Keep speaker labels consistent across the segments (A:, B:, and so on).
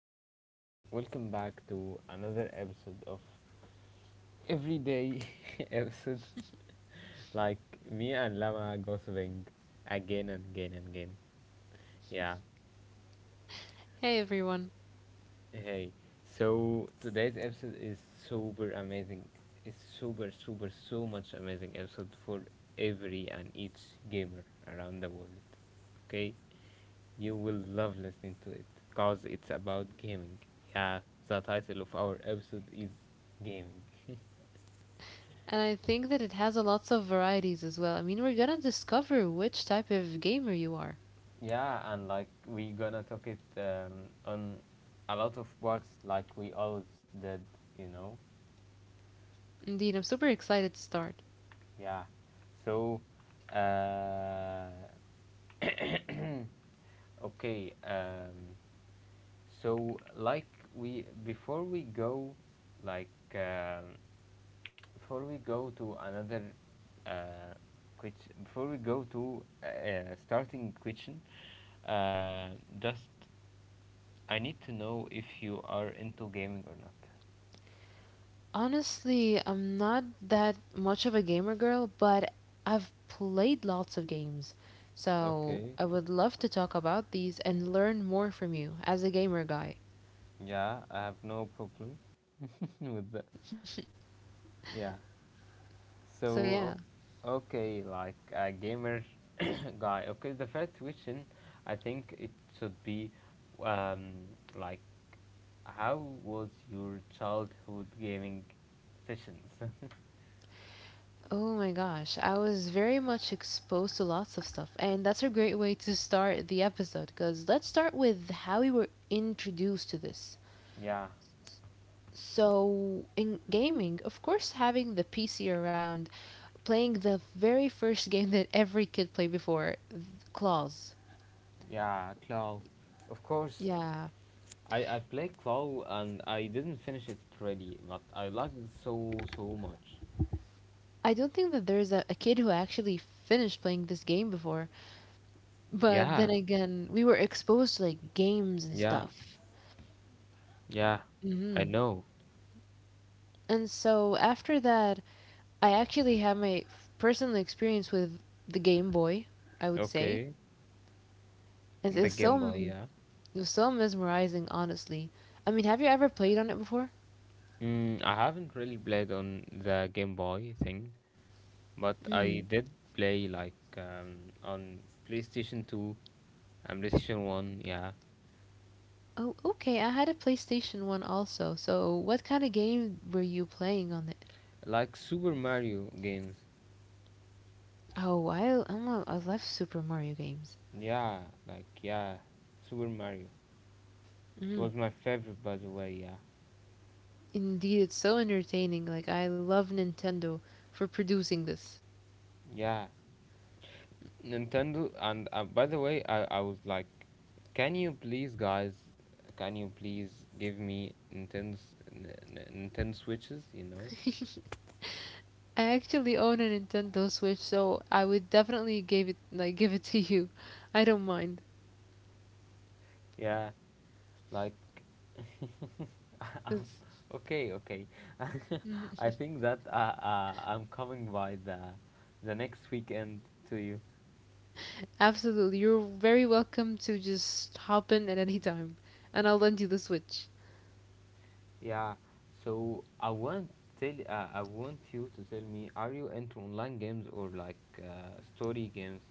A: and welcome back to another episode of Everyday episode. Like me and Lama gossiping again and again and again. Yeah,
B: Hey everyone.
A: hey. So today's episode is super amazing. It's super, super, so much amazing episode for every and each gamer around the world. Okay, you will love listening to it because it's about gaming. Yeah, the title of our episode is gaming.
B: And I think that it has a lots of varieties as well. I mean, we're gonna discover which type of gamer you are.
A: Yeah, and like we gonna talk it on a lot of parts, like we always did, you know.
B: Indeed, I'm super excited to start.
A: Yeah, so uh, okay. So like we before we go, like um, before we go to another uh, question, before we go to starting question, uh, just I need to know if you are into gaming or not.
B: Honestly, I'm not that much of a gamer girl, but I've played lots of games. So
A: Okay.
B: I would love to talk about these and learn more from you as a gamer guy.
A: Yeah, I have no problem with that. Yeah. So,
B: So yeah.
A: okay, like a gamer guy. Okay, the first question, I think it should be, um, like, how was your childhood gaming sessions?
B: Oh my gosh, I was very much exposed to lots of stuff, and that's a great way to start the episode because let's start with how we were introduced to this.
A: Yeah.
B: So, in gaming, of course, having the PC around, playing the very first game that every kid played before, Claws.
A: Yeah, Claw. Of course.
B: Yeah.
A: I played Claw and I didn't finish it really, but I liked it so so much.
B: I don't think that there's a kid who actually finished playing this game before, but then
A: Yeah,
B: again, we were exposed to like games and
A: yeah,
B: stuff.
A: yeah. I
B: hmm
A: know.
B: And so after that, I actually had my personal experience with the Game Boy, I would say.
A: Okay,
B: And It
A: the
B: is so
A: Game Boy.
B: m-
A: Yeah.
B: It was so mesmerizing, honestly. I mean, have you ever played on it before?
A: I haven't really played on the Game Boy thing, but
B: Mm.
A: I did play like on PlayStation 2 and PlayStation 1. Yeah,
B: Oh, okay. I had a PlayStation 1 also. So, what kind of game were you playing on it?
A: like Super Mario games.
B: Oh, I I love Super Mario games.
A: Yeah, like yeah, Super Mario. It
B: Mm.
A: was my favorite, by the way. Yeah.
B: Indeed, it's so entertaining. Like I love Nintendo for producing this.
A: Yeah, Nintendo. And by the way, I was like, can you please, guys, can you please give me Nintendo s- N- N- Nintendo Switches? You know?
B: I actually own a Nintendo Switch, so I would definitely give it to you. I don't mind.
A: Yeah, like, um,
B: It's
A: okay, okay.
B: mm,
A: I think that I'm coming by the next weekend to you.
B: Absolutely. You're very welcome to just hop in at any time, and I'll lend you the Switch.
A: Yeah. So I want you to tell me, are you into online games or like story games?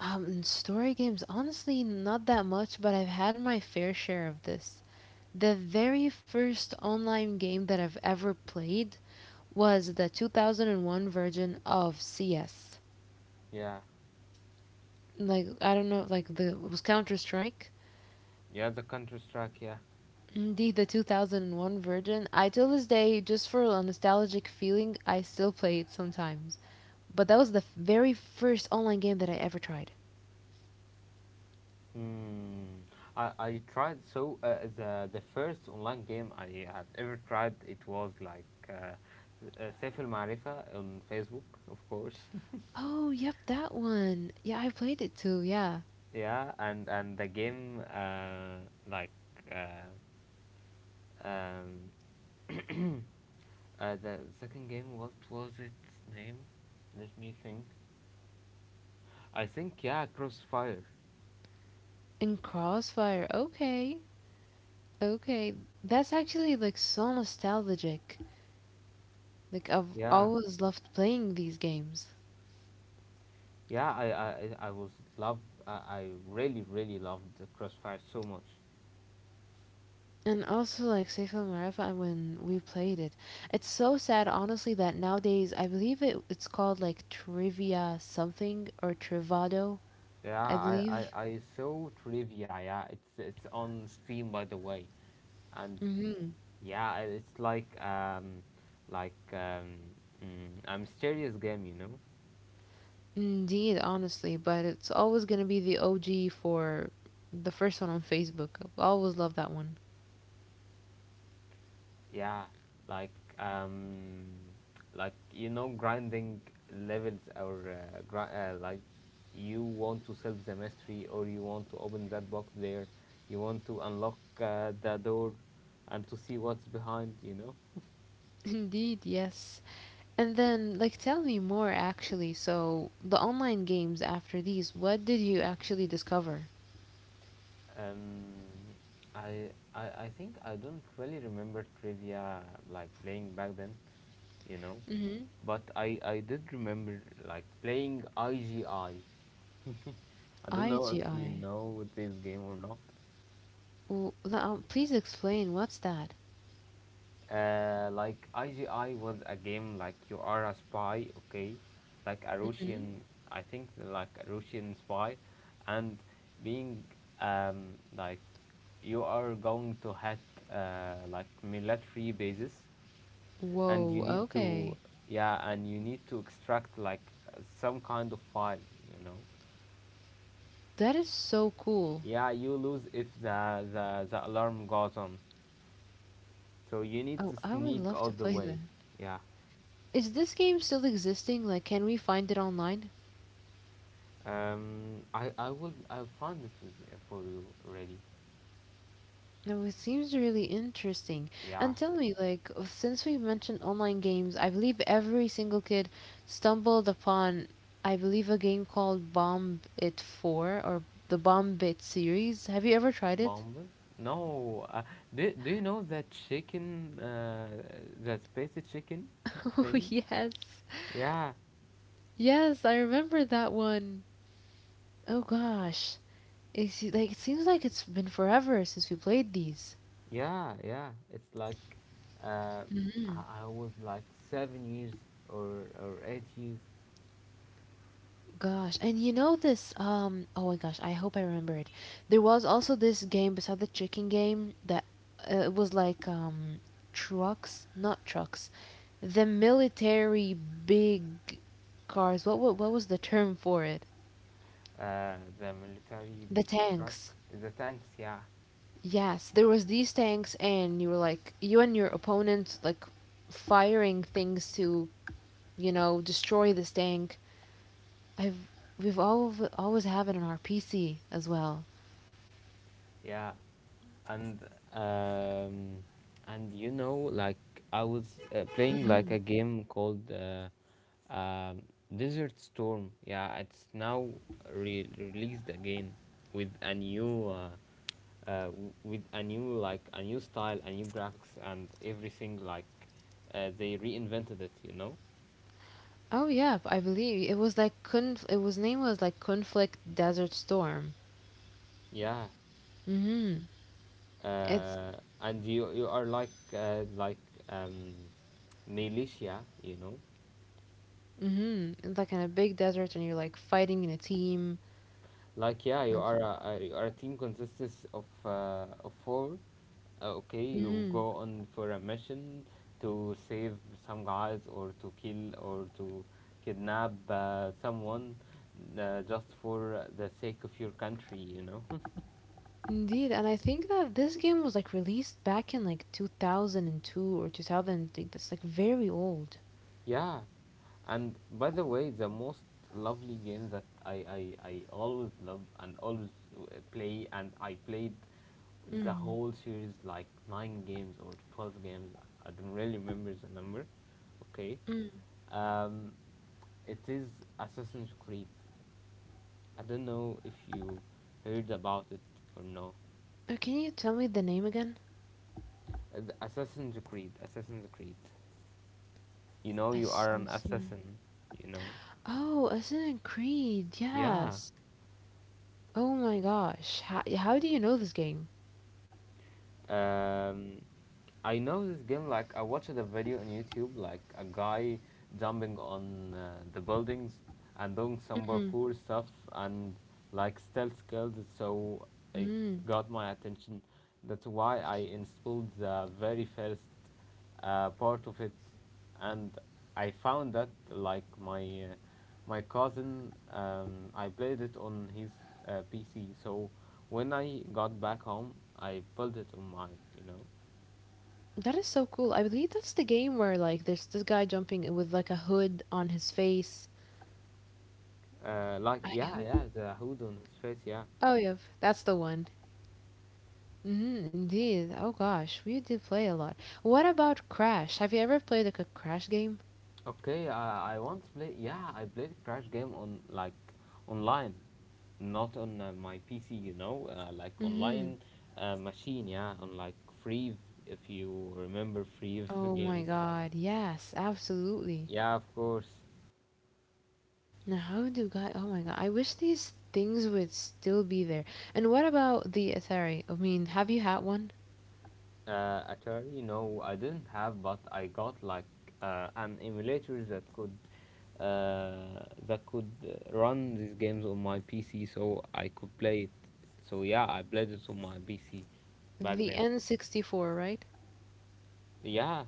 B: And story games, honestly, not that much, but I've had my fair share of this. The very first online game that I've ever played was the 2001 version of CS.
A: Yeah.
B: Like I don't know, like the It was Counter Strike.
A: Yeah, the Counter Strike. Yeah.
B: Indeed, the 2001 version. I till this day, just for a nostalgic feeling, I still play it sometimes. But that was the very first online game that I ever tried.
A: Hmm. I tried the first online game I have ever tried it was like Saif Marifa on Facebook of course.
B: Oh, yep, that one. Yeah, I played it too. Yeah,
A: Yeah, and like uh, um, the second game, what was its name? Let me think. I think, yeah, Crossfire.
B: and Crossfire. Okay, okay, that's actually like so nostalgic. Like I've
A: Yeah,
B: always loved playing these games.
A: yeah, I really really loved the Crossfire so much.
B: And also like Saif al Ma'arif when we played it, it's so sad honestly that nowadays I believe it it's called like trivia something or Trivado,
A: Yeah,
B: I
A: I,
B: believe.
A: I, I saw trivia. Yeah, it's on stream by the way, and
B: hmm
A: yeah, it's like like um a mysterious game, you know?
B: Indeed, honestly, but it's always gonna be the OG for the first one on Facebook. I always love that one.
A: Yeah, like grinding levels or gri like you want to solve the mystery or you want to open that box there, you want to unlock the door and to see what's behind, you know?
B: Indeed, yes. And then like tell me more actually. So the online games after these, what did you actually discover?
A: Um, I think I don't really remember trivia like playing back then, you know.
B: Mm-hmm.
A: But I did remember like playing IGI. I don't know if you
B: IGI.
A: know this game or not.
B: Please explain. What's that?
A: Like IGI was a game like you are a spy, okay, like a
B: hmm
A: Russian, I think like a Russian spy, and being like you are going to hit like military bases, and you
B: Whoa,
A: need to
B: okay.
A: yeah, and you need to extract like some kind of file, you know.
B: That is so cool.
A: Yeah, you lose if the alarm goes on, so you need
B: Oh,
A: to
B: I would
A: sneak
B: love to
A: all the
B: play
A: way.
B: that.
A: Yeah.
B: Is this game still existing? Like, can we find it online?
A: I found it with for you already.
B: No, it seems really interesting. And
A: Yeah,
B: tell me, like, since we've mentioned online games, I believe every single kid stumbled upon, I believe, a game called Bomb It 4 or the Bomb It series. Have you ever tried it?
A: Bumble. No, do you know that chicken, that spicy chicken
B: Oh,
A: thing?
B: yes.
A: Yeah,
B: Yes, I remember that one. Oh, gosh. It's like it seems like it's been forever since we played these.
A: yeah, yeah. It's like, uh, I was like 7 years or 8 years.
B: Gosh, and you know this? Oh my gosh, I hope I remember it. There was also this game beside the chicken game that it was like trucks, not trucks, the military big cars. What was the term for it?
A: The military
B: The
A: big truck,
B: tanks.
A: the tanks. Yeah,
B: Yes, there was these tanks, and you were like you and your opponent like firing things to you know destroy this tank. I've we've all always have it on our PC as well.
A: yeah. and um and you know, like I was playing like a game called um, desert storm. Yeah, it's now released again with a new w- with a new, like, a new style, a new graphics, and everything, like they reinvented it, you know.
B: Oh yeah, I believe it was like Conf- it was name was like Conflict Desert Storm.
A: Yeah,
B: Mhm. It's
A: uh, and you are like um militia, you know.
B: Mhm. It's like in a big desert and you're like fighting in a team.
A: Like yeah,
B: Like,
A: you are a team consists of four. Okay, you
B: mhm.
A: go on for a mission to save some guys or to kill or to kidnap someone just for the sake of your country.
B: Indeed, and I think that this game was like released back in like 2002 or 2003. That's like very old.
A: Yeah, and by the way, the most lovely game that I always love and always uh, play and I played the
B: Mm.
A: whole series, like nine games or 12 games. I don't really remember the number. Okay,
B: Mm.
A: um, it is Assassin's Creed. I don't know if you heard about it or no.
B: Can you tell me the name again?
A: The Assassin's Creed. Assassin's Creed. You know, you are an
B: Assassin.
A: assassin. You know.
B: Oh, Assassin's Creed.
A: Yeah.
B: Yes. Oh my gosh. How, yeah, how do you know this game?
A: Um, I know this game. Like I watched a video on YouTube, like a guy jumping on the buildings and doing some
B: Mm,
A: parkour stuff and like stealth skills. So it
B: mm.
A: got my attention. That's why I installed the very first part of it, and I found that like my cousin, I played it on his PC. So when I got back home, I pulled it on mine.
B: That is so cool. I believe that's the game where like there's this guy jumping in with like a hood on his face.
A: Like
B: I
A: yeah,
B: hope.
A: yeah, the hood on his face, yeah.
B: Oh yeah, that's the one. Mm, indeed. Oh gosh, we did play a lot. What about Crash? Have you ever played like a Crash game?
A: Okay, I once play yeah, I played Crash game on like online, not on my PC, you know, like
B: Mm-hmm.
A: online machine, yeah, on like Free, if you remember Free
B: Oh my
A: games.
B: god. Yes, absolutely.
A: Yeah, of course.
B: Now how do God? Oh my god. I wish these things would still be there. And what about the Atari? I mean, have you had one?
A: Atari, no, I didn't have, but I got like an emulator that could run these games on my PC, so I could play it. So yeah, I played it on my PC back
B: The
A: then.
B: N64, right?
A: Yeah.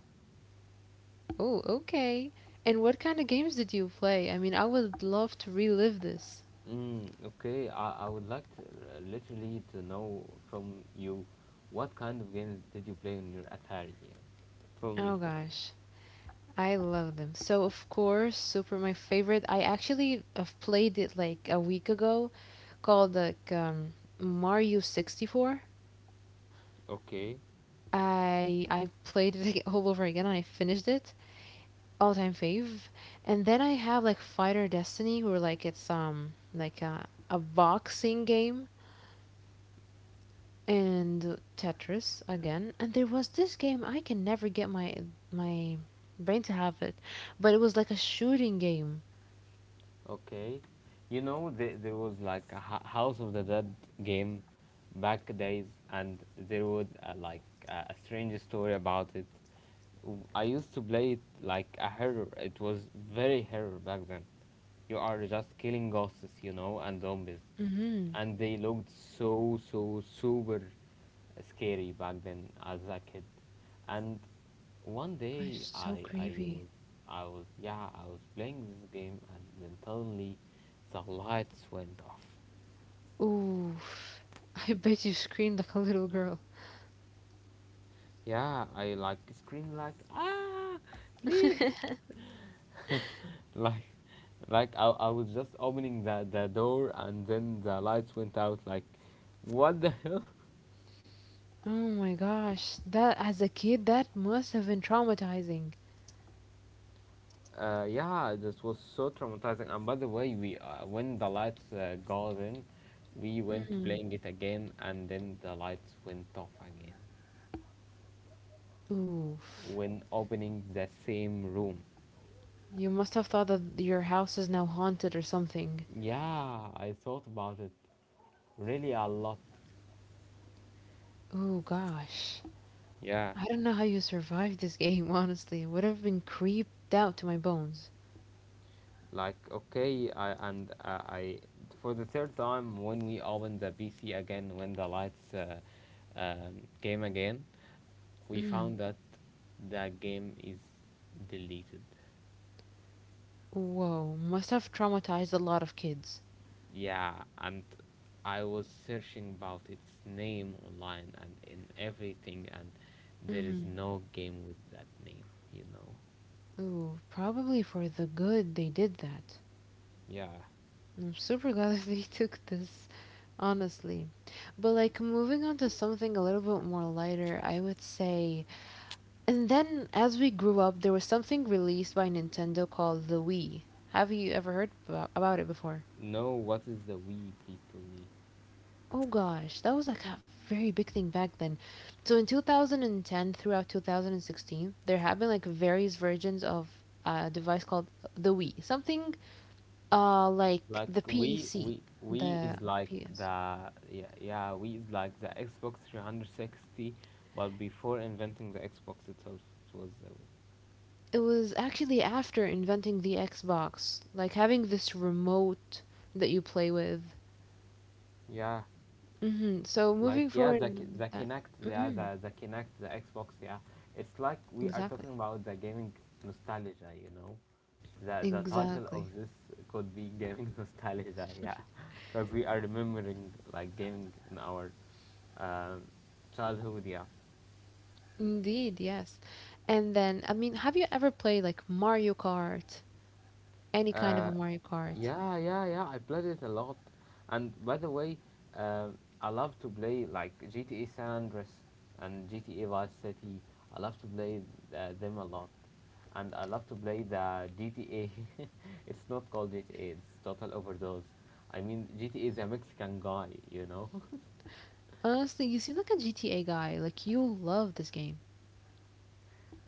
B: Oh, okay. And what kind of games did you play? I mean, I would love to relive this.
A: Mm, okay. I would like to literally to know from you what kind of games did you play on your Atari? Yeah. From
B: Oh
A: me.
B: gosh, I love them. So of course, Super my favorite. I actually have played it like a week ago called like Mario 64.
A: Okay.
B: I played it like, all over again and I finished it. All time fave. And then I have like Fighter Destiny where like it's a boxing game and Tetris again. And there was this game I can never get my brain to have it, but it was like a shooting game.
A: Okay. You know, there was like a House of the Dead game back days, and there was like a strange story about it. I used to play it like a horror. It was very horror back then. You are just killing ghosts, and zombies,
B: Mm-hmm.
A: and they looked so so super scary back then as a kid. And one
B: Oh, it's
A: day,
B: so creepy.
A: I was yeah, I was playing this game, and then suddenly the lights went off.
B: Oof. I bet you screamed like a little girl.
A: Yeah, I like screamed, like, ah, please. Like, I was just opening the door, and then the lights went out, like, what the hell.
B: Oh my gosh, that as a kid that must have been traumatizing.
A: Yeah, this was so traumatizing, and by the way, we when the lights goes in, we went
B: Mm.
A: playing it again, and then the lights went off again
B: Oof.
A: when opening the same room.
B: You must have thought that your house is now haunted or something.
A: Yeah, I thought about it really a lot,
B: Oh gosh.
A: yeah,
B: I don't know how you survived this game, honestly. It would have been creeped out to my bones.
A: like okay. And I, for the third time, when we opened the PC again, when the lights game again, we
B: Mm.
A: found that the game is deleted.
B: Whoa, must have traumatized a lot of kids.
A: Yeah, and I was searching about its name online and in everything, and there is
B: Mm.
A: no game with that name, you know.
B: Ooh, probably for the good they did that.
A: Yeah.
B: I'm super glad they took this, honestly. But like moving on to something a little bit more lighter, I would say. And then as we grew up, there was something released by Nintendo called the Wii. Have you ever heard about it before?
A: No, what is the Wii? Please tell me.
B: Oh gosh, that was like a very big thing back then. So in 2010 throughout 2016, there have been like various versions of a device called the Wii. Something like
A: Like
B: the P E C,
A: we
B: the
A: is like
B: PS.
A: the yeah, yeah, we is like the Xbox 360, but before inventing the Xbox itself, it was the Wii.
B: It was actually after inventing the Xbox, like having this remote that you play with.
A: Yeah.
B: So
A: Like
B: moving
A: yeah,
B: forward
A: the
B: with that.
A: Kinect, yeah,
B: hmm
A: the Kinect, the Xbox, yeah. It's like we are
B: Exactly.
A: talking about the gaming nostalgia. The title of
B: Exactly.
A: this could be gaming nostalgia, yeah, because we are remembering like gaming in our um, childhood, yeah.
B: Indeed, yes. And then, I mean, have you ever played like Mario Kart any kind
A: Uh,
B: of a Mario Kart.
A: Yeah, yeah, yeah. I played it a lot, and by the way, I love to play like GTA San Andreas and GTA Vice City. I love to play them a lot, and I love to play the GTA. It's not called GTA. It's Total Overdose. I mean, GTA is a Mexican guy, you know.
B: Honestly, you seem like a GTA guy. Like you love this game.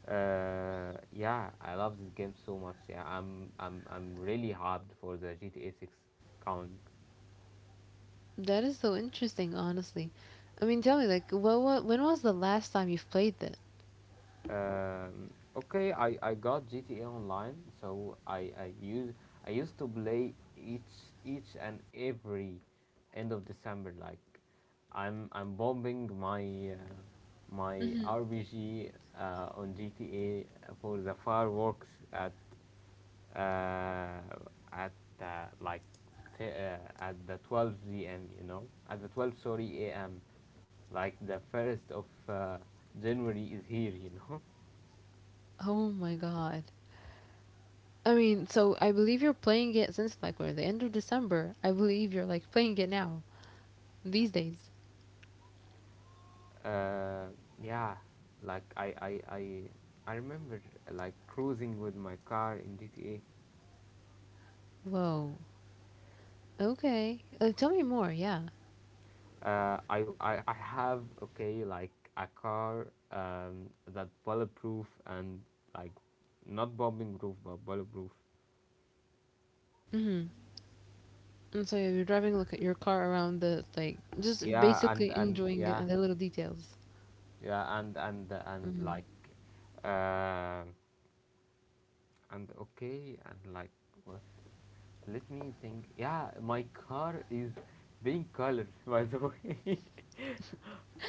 A: Yeah, I love this game so much. Yeah, I'm really hyped for the GTA 6 count.
B: That is so interesting, honestly. I mean, tell me, like, when was the last time you've played it?
A: Um, okay, I got GTA Online, so I used to play each and every end of December. Like I'm bombing my
B: hmm
A: RPG on GTA for the fireworks uh, at uh, like at the 12 p.m. You know, at the 12 sorry a.m. Like the first of January is here. You know.
B: Oh my god. I mean, so I believe you're playing it since like we're the end of December. I believe you're like playing it now these days.
A: Uh, yeah, like I remember like cruising with my car in GTA.
B: Whoa. Okay. Tell me more. Yeah.
A: I have okay like a car that bulletproof and like not bombing proof but bulletproof.
B: Mhm. And so you're driving like your car around the like just
A: Yeah, and
B: basically
A: and
B: enjoying it
A: yeah,
B: and the little details.
A: yeah, and like, uh, and okay, and like what? Let me think. Yeah, my car is being colored by the way.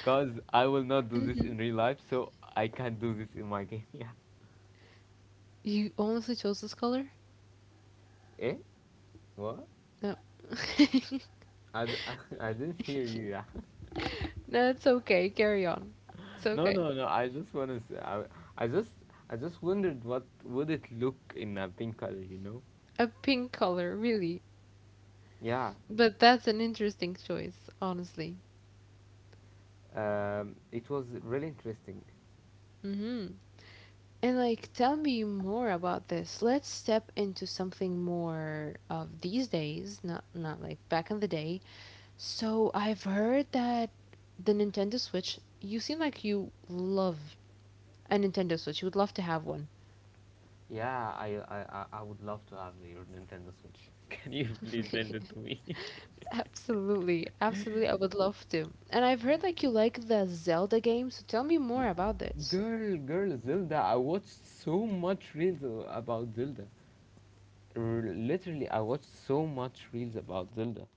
A: Cause I will not do this in real life, so I can't do this in my game. Yeah.
B: You honestly chose this color?
A: Eh? What?
B: No.
A: I, d- I didn't hear you. Yeah.
B: No, it's okay. Carry on. It's
A: No,
B: okay.
A: no, no. I just wanna say, I just I just wondered what would it look in a pink color. You know?
B: A pink color, really.
A: Yeah.
B: But that's an interesting choice, honestly.
A: It was really interesting.
B: hmm And like, tell me more about this. Let's step into something more of these days, not like back in the day. So I've heard that the Nintendo Switch. You seem like you love a Nintendo Switch. You would love to have one.
A: Yeah. I would love to have your Nintendo Switch. Can you please lend it to me?
B: Absolutely, absolutely. I would love to. And I've heard like you like the Zelda games. So tell me more
A: Y-
B: about this.
A: Girl, girl, Zelda. I watched so much reels about Zelda. Literally I watched so much reels about Zelda.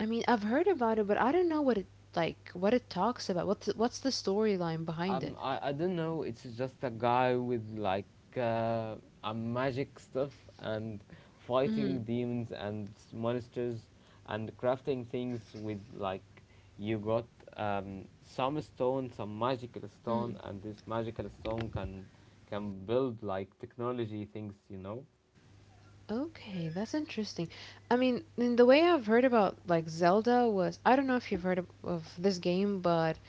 B: I mean, I've heard about it, but I don't know what it talks about. What's the storyline behind it?
A: I don't know. It's just a guy with like uh, a magic stuff and
B: Mm,
A: fighting demons and monsters and crafting things with like you got some stone, some magical stone, and this magical stone can build like technology things.
B: okay, that's interesting. I mean, in the way I've heard about like Zelda was I don't know if you've heard of this game, but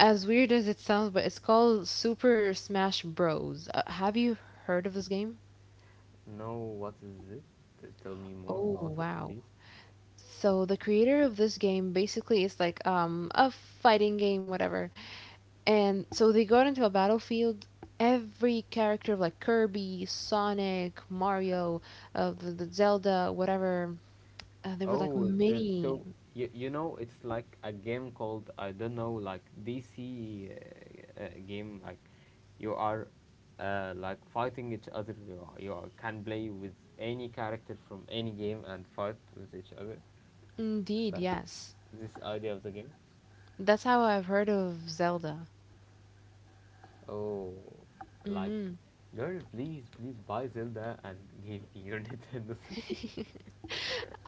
B: as weird as it sounds, but it's called Super Smash Bros. Have you heard of this game?
A: No, what is it? Tell me more
B: Oh,
A: about it,
B: wow.
A: please.
B: So the creator of this game basically is like a fighting game, whatever. And so they got into a battlefield. Every character like Kirby, Sonic, Mario, the Zelda, whatever, there were like
A: Oh, uh,
B: many.
A: so you know it's like a game called I don't know, like DC game, like you are like fighting each other, you are can play with any character from any game and fight with each other,
B: Indeed,
A: like
B: yes.
A: this idea of the game.
B: That's how I've heard of Zelda.
A: Oh. Like,
B: hmm
A: girl, please please buy Zelda and give me your Nintendo Switch.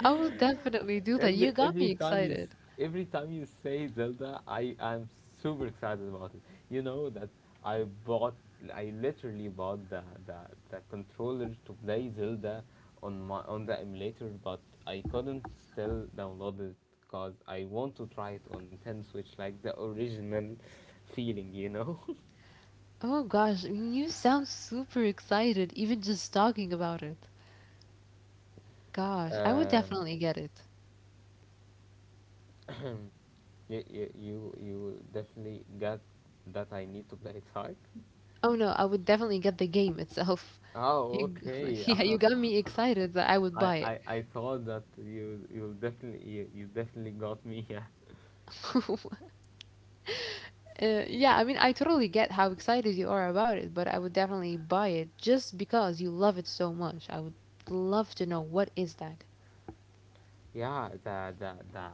B: I will definitely do that. You
A: Every
B: got me
A: every time
B: excited.
A: every time you say Zelda, I'm super excited about it. You know that I bought I literally bought the controller to play Zelda on the emulator, but I couldn't still download it because I want to try it on Nintendo Switch, like the original feeling.
B: Oh gosh, you sound super excited even just talking about it. Gosh, I would
A: Uh,
B: definitely get it.
A: you definitely got that I need to play it right.
B: Oh no, I would definitely get the game itself.
A: Oh,
B: You
A: okay.
B: like, yeah, you got me excited that I would
A: I,
B: buy
A: I, I saw that you definitely got me. Yeah.
B: it. Yeah, I mean, I totally get how excited you are about it, but I would definitely buy it just because you love it so much. I would love to know what is that.
A: Yeah, the the the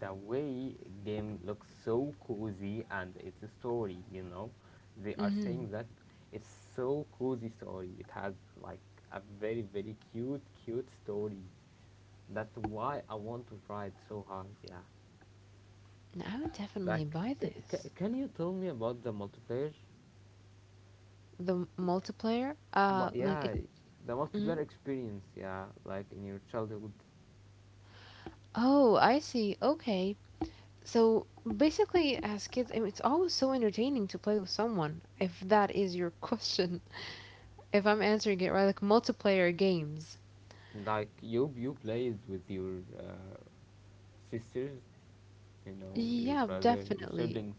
A: the way game looks so cozy, and it's a story, they are
B: Mm-hmm.
A: saying that it's so cozy story. It has like a very very cute cute story. That's why I want to try it so hard, yeah.
B: I would definitely
A: Like
B: buy this.
A: can you tell me about the multiplayer?
B: The multiplayer?
A: Mu- yeah the multiplayer
B: Mhm.
A: experience, yeah, like in your childhood.
B: Oh, I see. Okay. So basically, as kids, I mean, it's always so entertaining to play with someone, if that is your question. If I'm answering it right, like multiplayer games.
A: Like you played with your sisters, you know, your
B: Yeah,
A: brother, your
B: definitely.
A: siblings.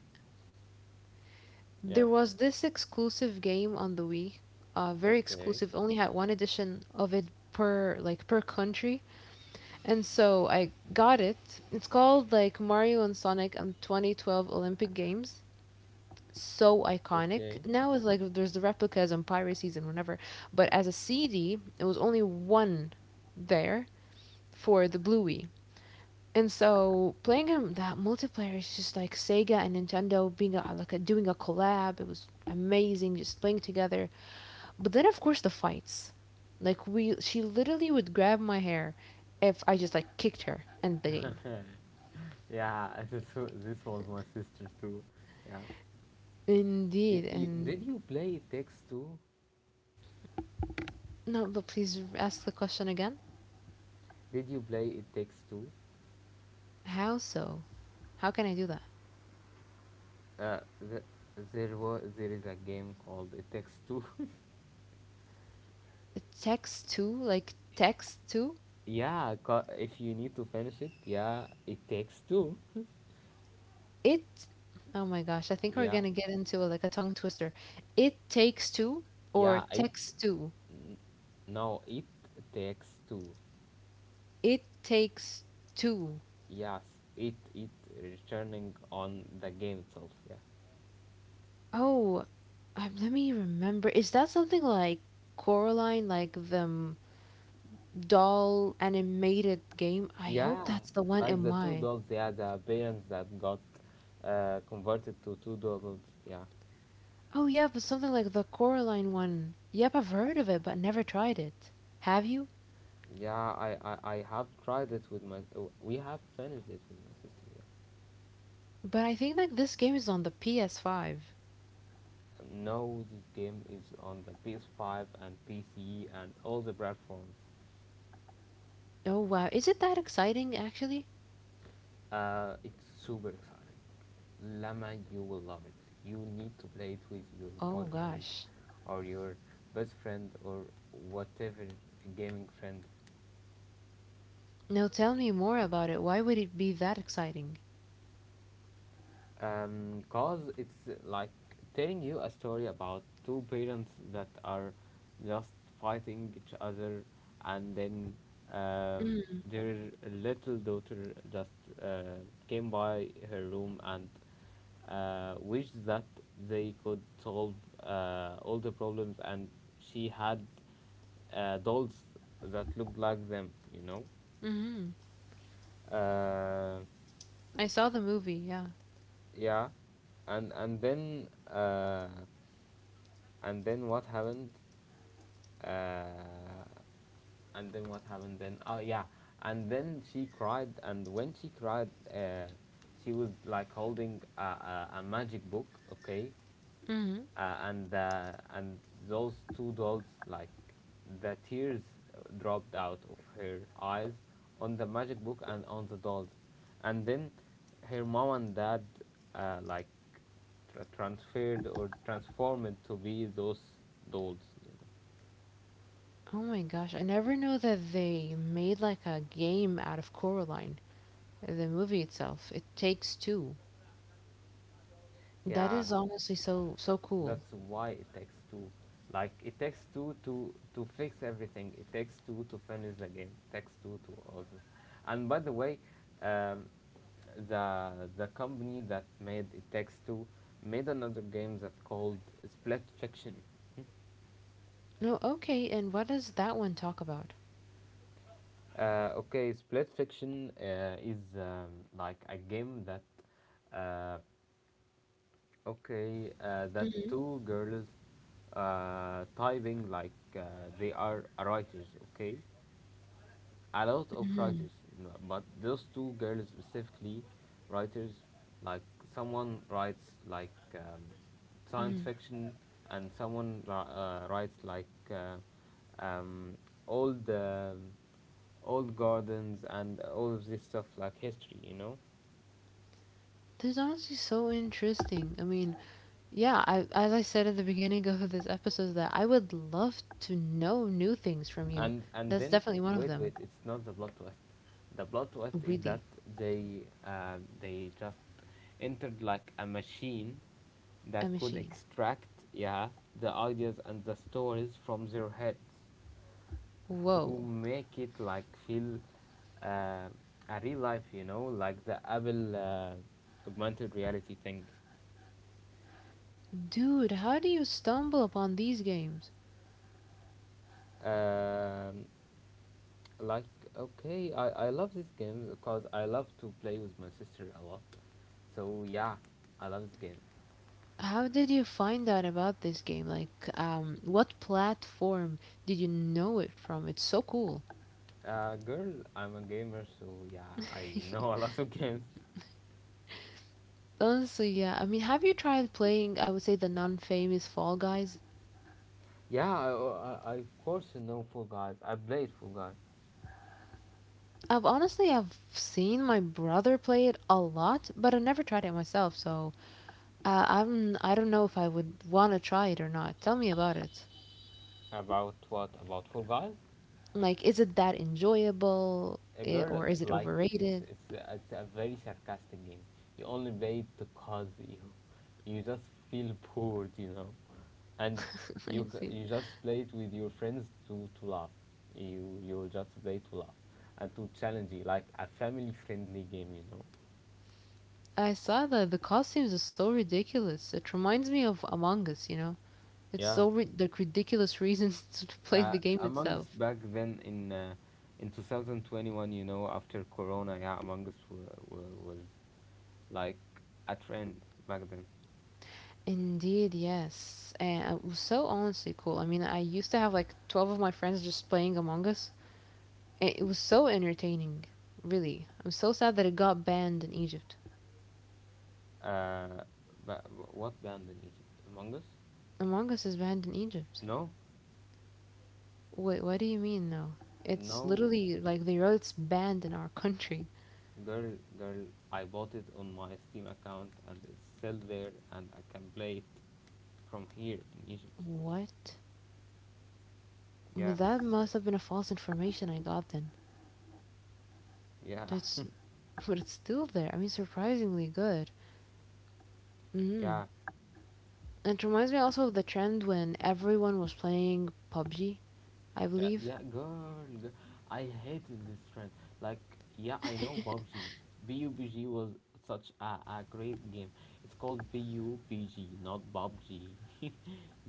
B: There
A: Yeah.
B: was this exclusive game on the Wii, very
A: Okay.
B: exclusive. Only had one edition of it per country, and so I got it. It's called like Mario and Sonic and 2012 Olympic Games. So iconic.
A: Okay.
B: Now it's like there's the replicas and piracies and whatever, but as a CD, it was only one there for the Bluey. And so playing him that multiplayer is just like Sega and Nintendo being a, like a, doing a collab. It was amazing, just playing together. But then of course the fights. Like she literally would grab my hair if I just like kicked her and the game.
A: Yeah. This was my sister too. Yeah. Did
B: Indeed.
A: you, did
B: And
A: you play It Takes Two?
B: no, but please ask the question again.
A: Did you play It Takes Two?
B: How so? How can I do that?
A: Uh, the, there is a game called It Takes Two.
B: The Text too, like text too.
A: Yeah. If you need to finish it, yeah, it takes two.
B: It. Oh my gosh, I think we're
A: Yeah.
B: gonna get into like a tongue twister. It takes two or
A: Yeah. It
B: text two.
A: no. It takes two.
B: It Takes Two.
A: Yes, it returning on the game itself. Yeah,
B: Oh, Let me remember. Is that something like Coraline, like the doll animated game? I hope
A: yeah,
B: that's the one in
A: like the two
B: mind.
A: dolls. Yeah, the parents that got converted to two dolls. Yeah,
B: Oh, yeah, but something like the Coraline one. Yep, I've heard of it, but never tried it. Have you?
A: yeah. I have tried it We have finished it with my sister. Yeah.
B: But I think like this game is on the PS5.
A: No, this game is on the PS5 and PC and all the platforms.
B: Oh, wow. Is it that exciting, actually?
A: It's super exciting. Lama, you will love it. You need to play it with your
B: Oh,
A: boyfriend
B: gosh.
A: or your best friend or whatever gaming friend.
B: Now tell me more about it. Why would it be that exciting?
A: Cause it's like telling you a story about two parents that are just fighting each other, and then um, their little daughter just uh, came by her room and wished that they could solve all the problems, and she had dolls that looked like them.
B: Mm-hmm.
A: Uh,
B: I saw the movie, yeah.
A: yeah, and then, and then what happened uh, and then what happened, then. Oh yeah, and then she cried, and when she cried she was like holding a magic book, okay.
B: Mm-hmm.
A: And those two dolls, like, the tears dropped out of her eyes on the magic book and on the dolls, and then her mom and dad like transferred or transformed to be those dolls.
B: Oh my gosh, I never knew that they made like a game out of Coraline, the movie itself. It takes two. That is
A: Yeah,
B: honestly so cool.
A: that's why it takes two. Like, it takes two to fix everything. It takes two to finish the game. It takes two to all this. And by the way, um, the company that made It Takes Two made another game that called Split Fiction.
B: No, okay, and what does that one talk about?
A: Okay, Split Fiction is like a game that uh, okay, that
B: Mm-hmm.
A: two girls typing, like, they are writers, okay, a lot of writers, but those two girls specifically, writers like someone writes like science
B: Mm-hmm.
A: fiction, and someone writes like um, old old gardens and all of this stuff like history,
B: This is honestly so interesting. I mean, yeah, as I said at the beginning of this episode, that I would love to know new things from you.
A: And
B: That's
A: then,
B: definitely one of
A: wait
B: them.
A: wait, it's not the plot twist, the plot twist is
B: Really,
A: that they just entered like a machine
B: a
A: that could
B: machine.
A: extract, yeah, the ideas and the stories from their heads to
B: Whoa,
A: make it like feel uh, a real life, like the Apple augmented reality thing.
B: dude, how do you stumble upon these games?
A: um, like, okay, I love this game because I love to play with my sister a lot. So yeah, I love this game.
B: How did you find out about this game? Like, what platform did you know it from? It's so cool.
A: Girl, I'm a gamer, so yeah, I know a lot of games.
B: Honestly, yeah. I mean, have you tried playing, I would say, the non-famous Fall Guys?
A: Yeah, I of course know Fall Guys. I played Fall Guys.
B: I've seen my brother play it a lot, but I've never tried it myself, so I don't know if I would want to try it or not. Tell me about it.
A: About what? About Fall Guys?
B: Like, is it that enjoyable,
A: A
B: eh,
A: girl
B: or is it
A: like it's
B: overrated?
A: it's it's a very sarcastic game. You only play it because you just feel bored, and
B: I see.
A: you just play it with your friends to laugh. You will just play to laugh and to challenge you, like a family friendly game.
B: I saw that the costumes are so ridiculous. It reminds me of Among Us, you know? It's
A: Yeah,
B: so like ridiculous reasons to play the game
A: Among Us
B: itself.
A: back then in 2021, after Corona, yeah, Among Us was like a trend back then.
B: Indeed, yes. And it was so honestly cool. I mean, I used to have like 12 of my friends just playing Among Us, and it was so entertaining, really. I'm so sad that it got banned in Egypt.
A: Uh, but what band in Egypt? Among Us?
B: Among Us is banned in Egypt.
A: No,
B: Wait, what do you mean, though? It's
A: no,
B: literally like they wrote it's banned in our country.
A: girl, girl. I bought it on my Steam account, and it's still there, and I can play it from here in Egypt.
B: What?
A: Yeah,
B: But that must have been a false information I got then.
A: yeah,
B: It's but it's still there. I mean, surprisingly good. Hmm
A: yeah.
B: And it reminds me also of the trend when everyone was playing PUBG. I
A: Yeah,
B: believe.
A: yeah, girl, girl. I hate this trend. Like, yeah, I know PUBG. PUBG was such a great game. It's called PUBG, not PUBG.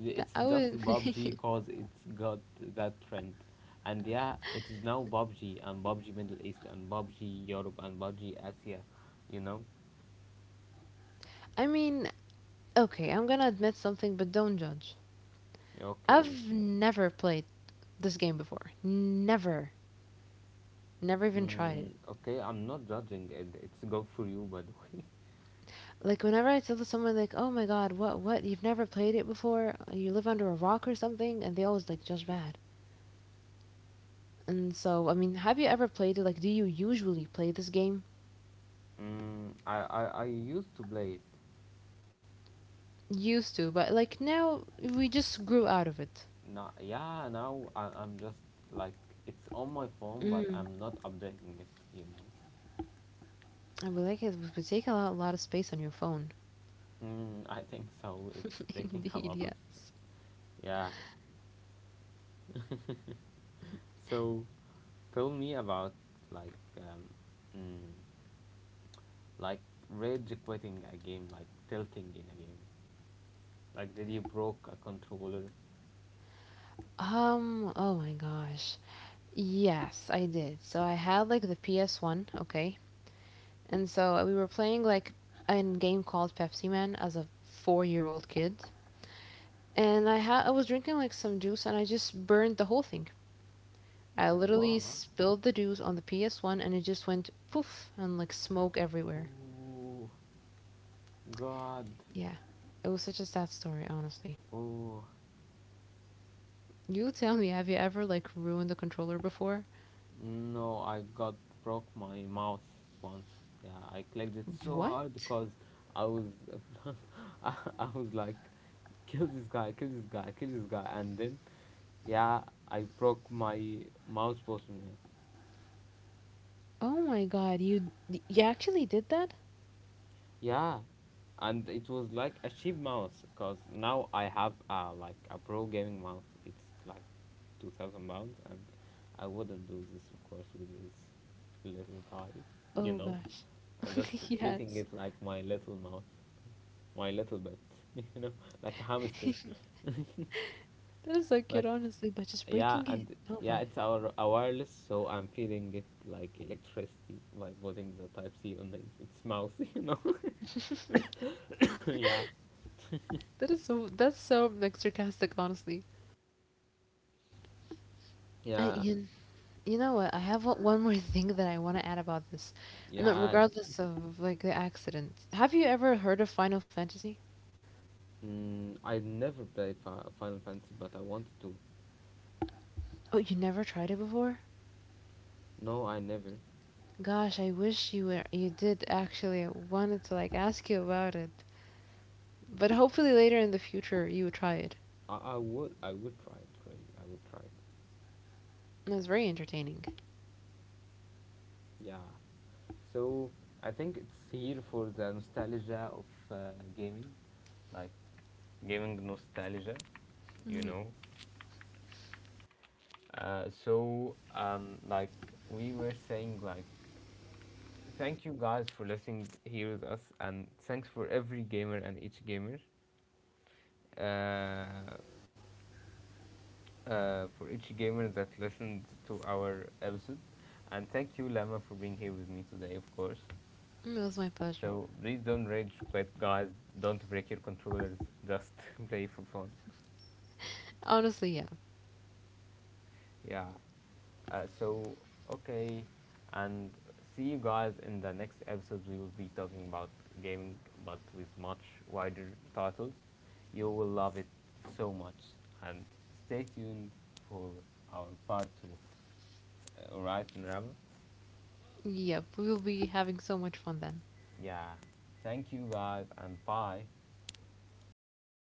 A: It's
B: I
A: just
B: would.
A: PUBG cause it's got that trend. And yeah, it is now PUBG and PUBG Middle East and PUBG Europe and PUBG Asia, you know?
B: I mean, okay. I'm gonna admit something, but don't judge.
A: Okay.
B: I've never played this game before. Never. Never even tried it.
A: Mm, okay, I'm not judging it. It's good for you, by the way.
B: Like whenever I tell someone like, "Oh my God, what, what? You've never played it before? You live under a rock or something?" and they always like judge bad. And so, I mean, have you ever played it? Like, do you usually play this game?
A: Mm, I used to play it.
B: Used to, but like now we just grew out of it.
A: Now, yeah, now I'm just like it's on my phone, but
B: Mm.
A: I'm not updating it.
B: I would like it would take a lot of space on your phone.
A: Mm, I think so. It's taking a
B: Indeed,
A: lot of
B: yes.
A: space. Yeah. So tell me about, like, mm, like, rage quitting a game, like tilting in a game. Like, did you broke a controller?
B: Oh my gosh. Yes, I did. So I had like the PS1, okay? And so we were playing like a game called Pepsi Man as a 4-year-old kid. And I was drinking like some juice and I just burned the whole thing. I literally
A: Wow.
B: spilled the juice on the PS1 and it just went poof and like smoke everywhere.
A: Oh God.
B: Yeah. It was such a sad story, honestly.
A: Oh.
B: You tell me, have you ever like ruined the controller before?
A: No, I got broke my mouse once. Yeah, I clicked it so
B: What?
A: hard because I was I was like kill this guy, kill this guy, kill this guy, and then yeah, I broke my mouse button. Yeah.
B: Oh my god, you actually did that?
A: Yeah. And it was like a cheap mouse, because now I have like a pro gaming mouse. It's like 2,000 pounds, and I wouldn't do this of course with this little guy. you
B: Oh
A: know.
B: gosh.
A: I'm just treating
B: yes.
A: it like my little mouse, my little bit, you know, like a hamster.
B: that is so cute,
A: Like,
B: honestly, by just
A: yeah,
B: breaking it.
A: and
B: Oh
A: yeah,
B: god.
A: it's our a wireless, so I'm feeling it like electricity by putting the Type C on it. It's mouse. Yeah,
B: That's so like sarcastic, honestly. I
A: yeah,
B: you, you know what? I have one more thing that I want to add about this. No,
A: yeah.
B: regardless of like the accident. Have you ever heard of Final Fantasy?
A: Mm, I never played Final Fantasy, but I wanted to.
B: Oh, you never tried it before?
A: No, I never.
B: Gosh, I wish you did actually. I wanted to like ask you about it, but hopefully later in the future you would try it.
A: I would try it really. I would try it.
B: It was very entertaining.
A: Yeah. So I think it's here for the nostalgia of gaming, like gaming nostalgia, you
B: Mhm.
A: know. So like we were saying, like thank you guys for listening here with us, and thanks for every gamer and each gamer, uh, for each gamer that listened to our episode, and thank you Lama for being here with me today, of course.
B: It was my pleasure.
A: So please don't rage quit, guys. Don't break your controllers. Just play for fun.
B: Honestly, yeah,
A: Yeah. So, okay, and see you guys in the next episode. We will be talking about gaming, but with much wider titles. You will love it so much, and stay tuned for our part two. Alright, Rama.
B: yep. We'll be having so much fun then.
A: Yeah. Thank you guys, and bye.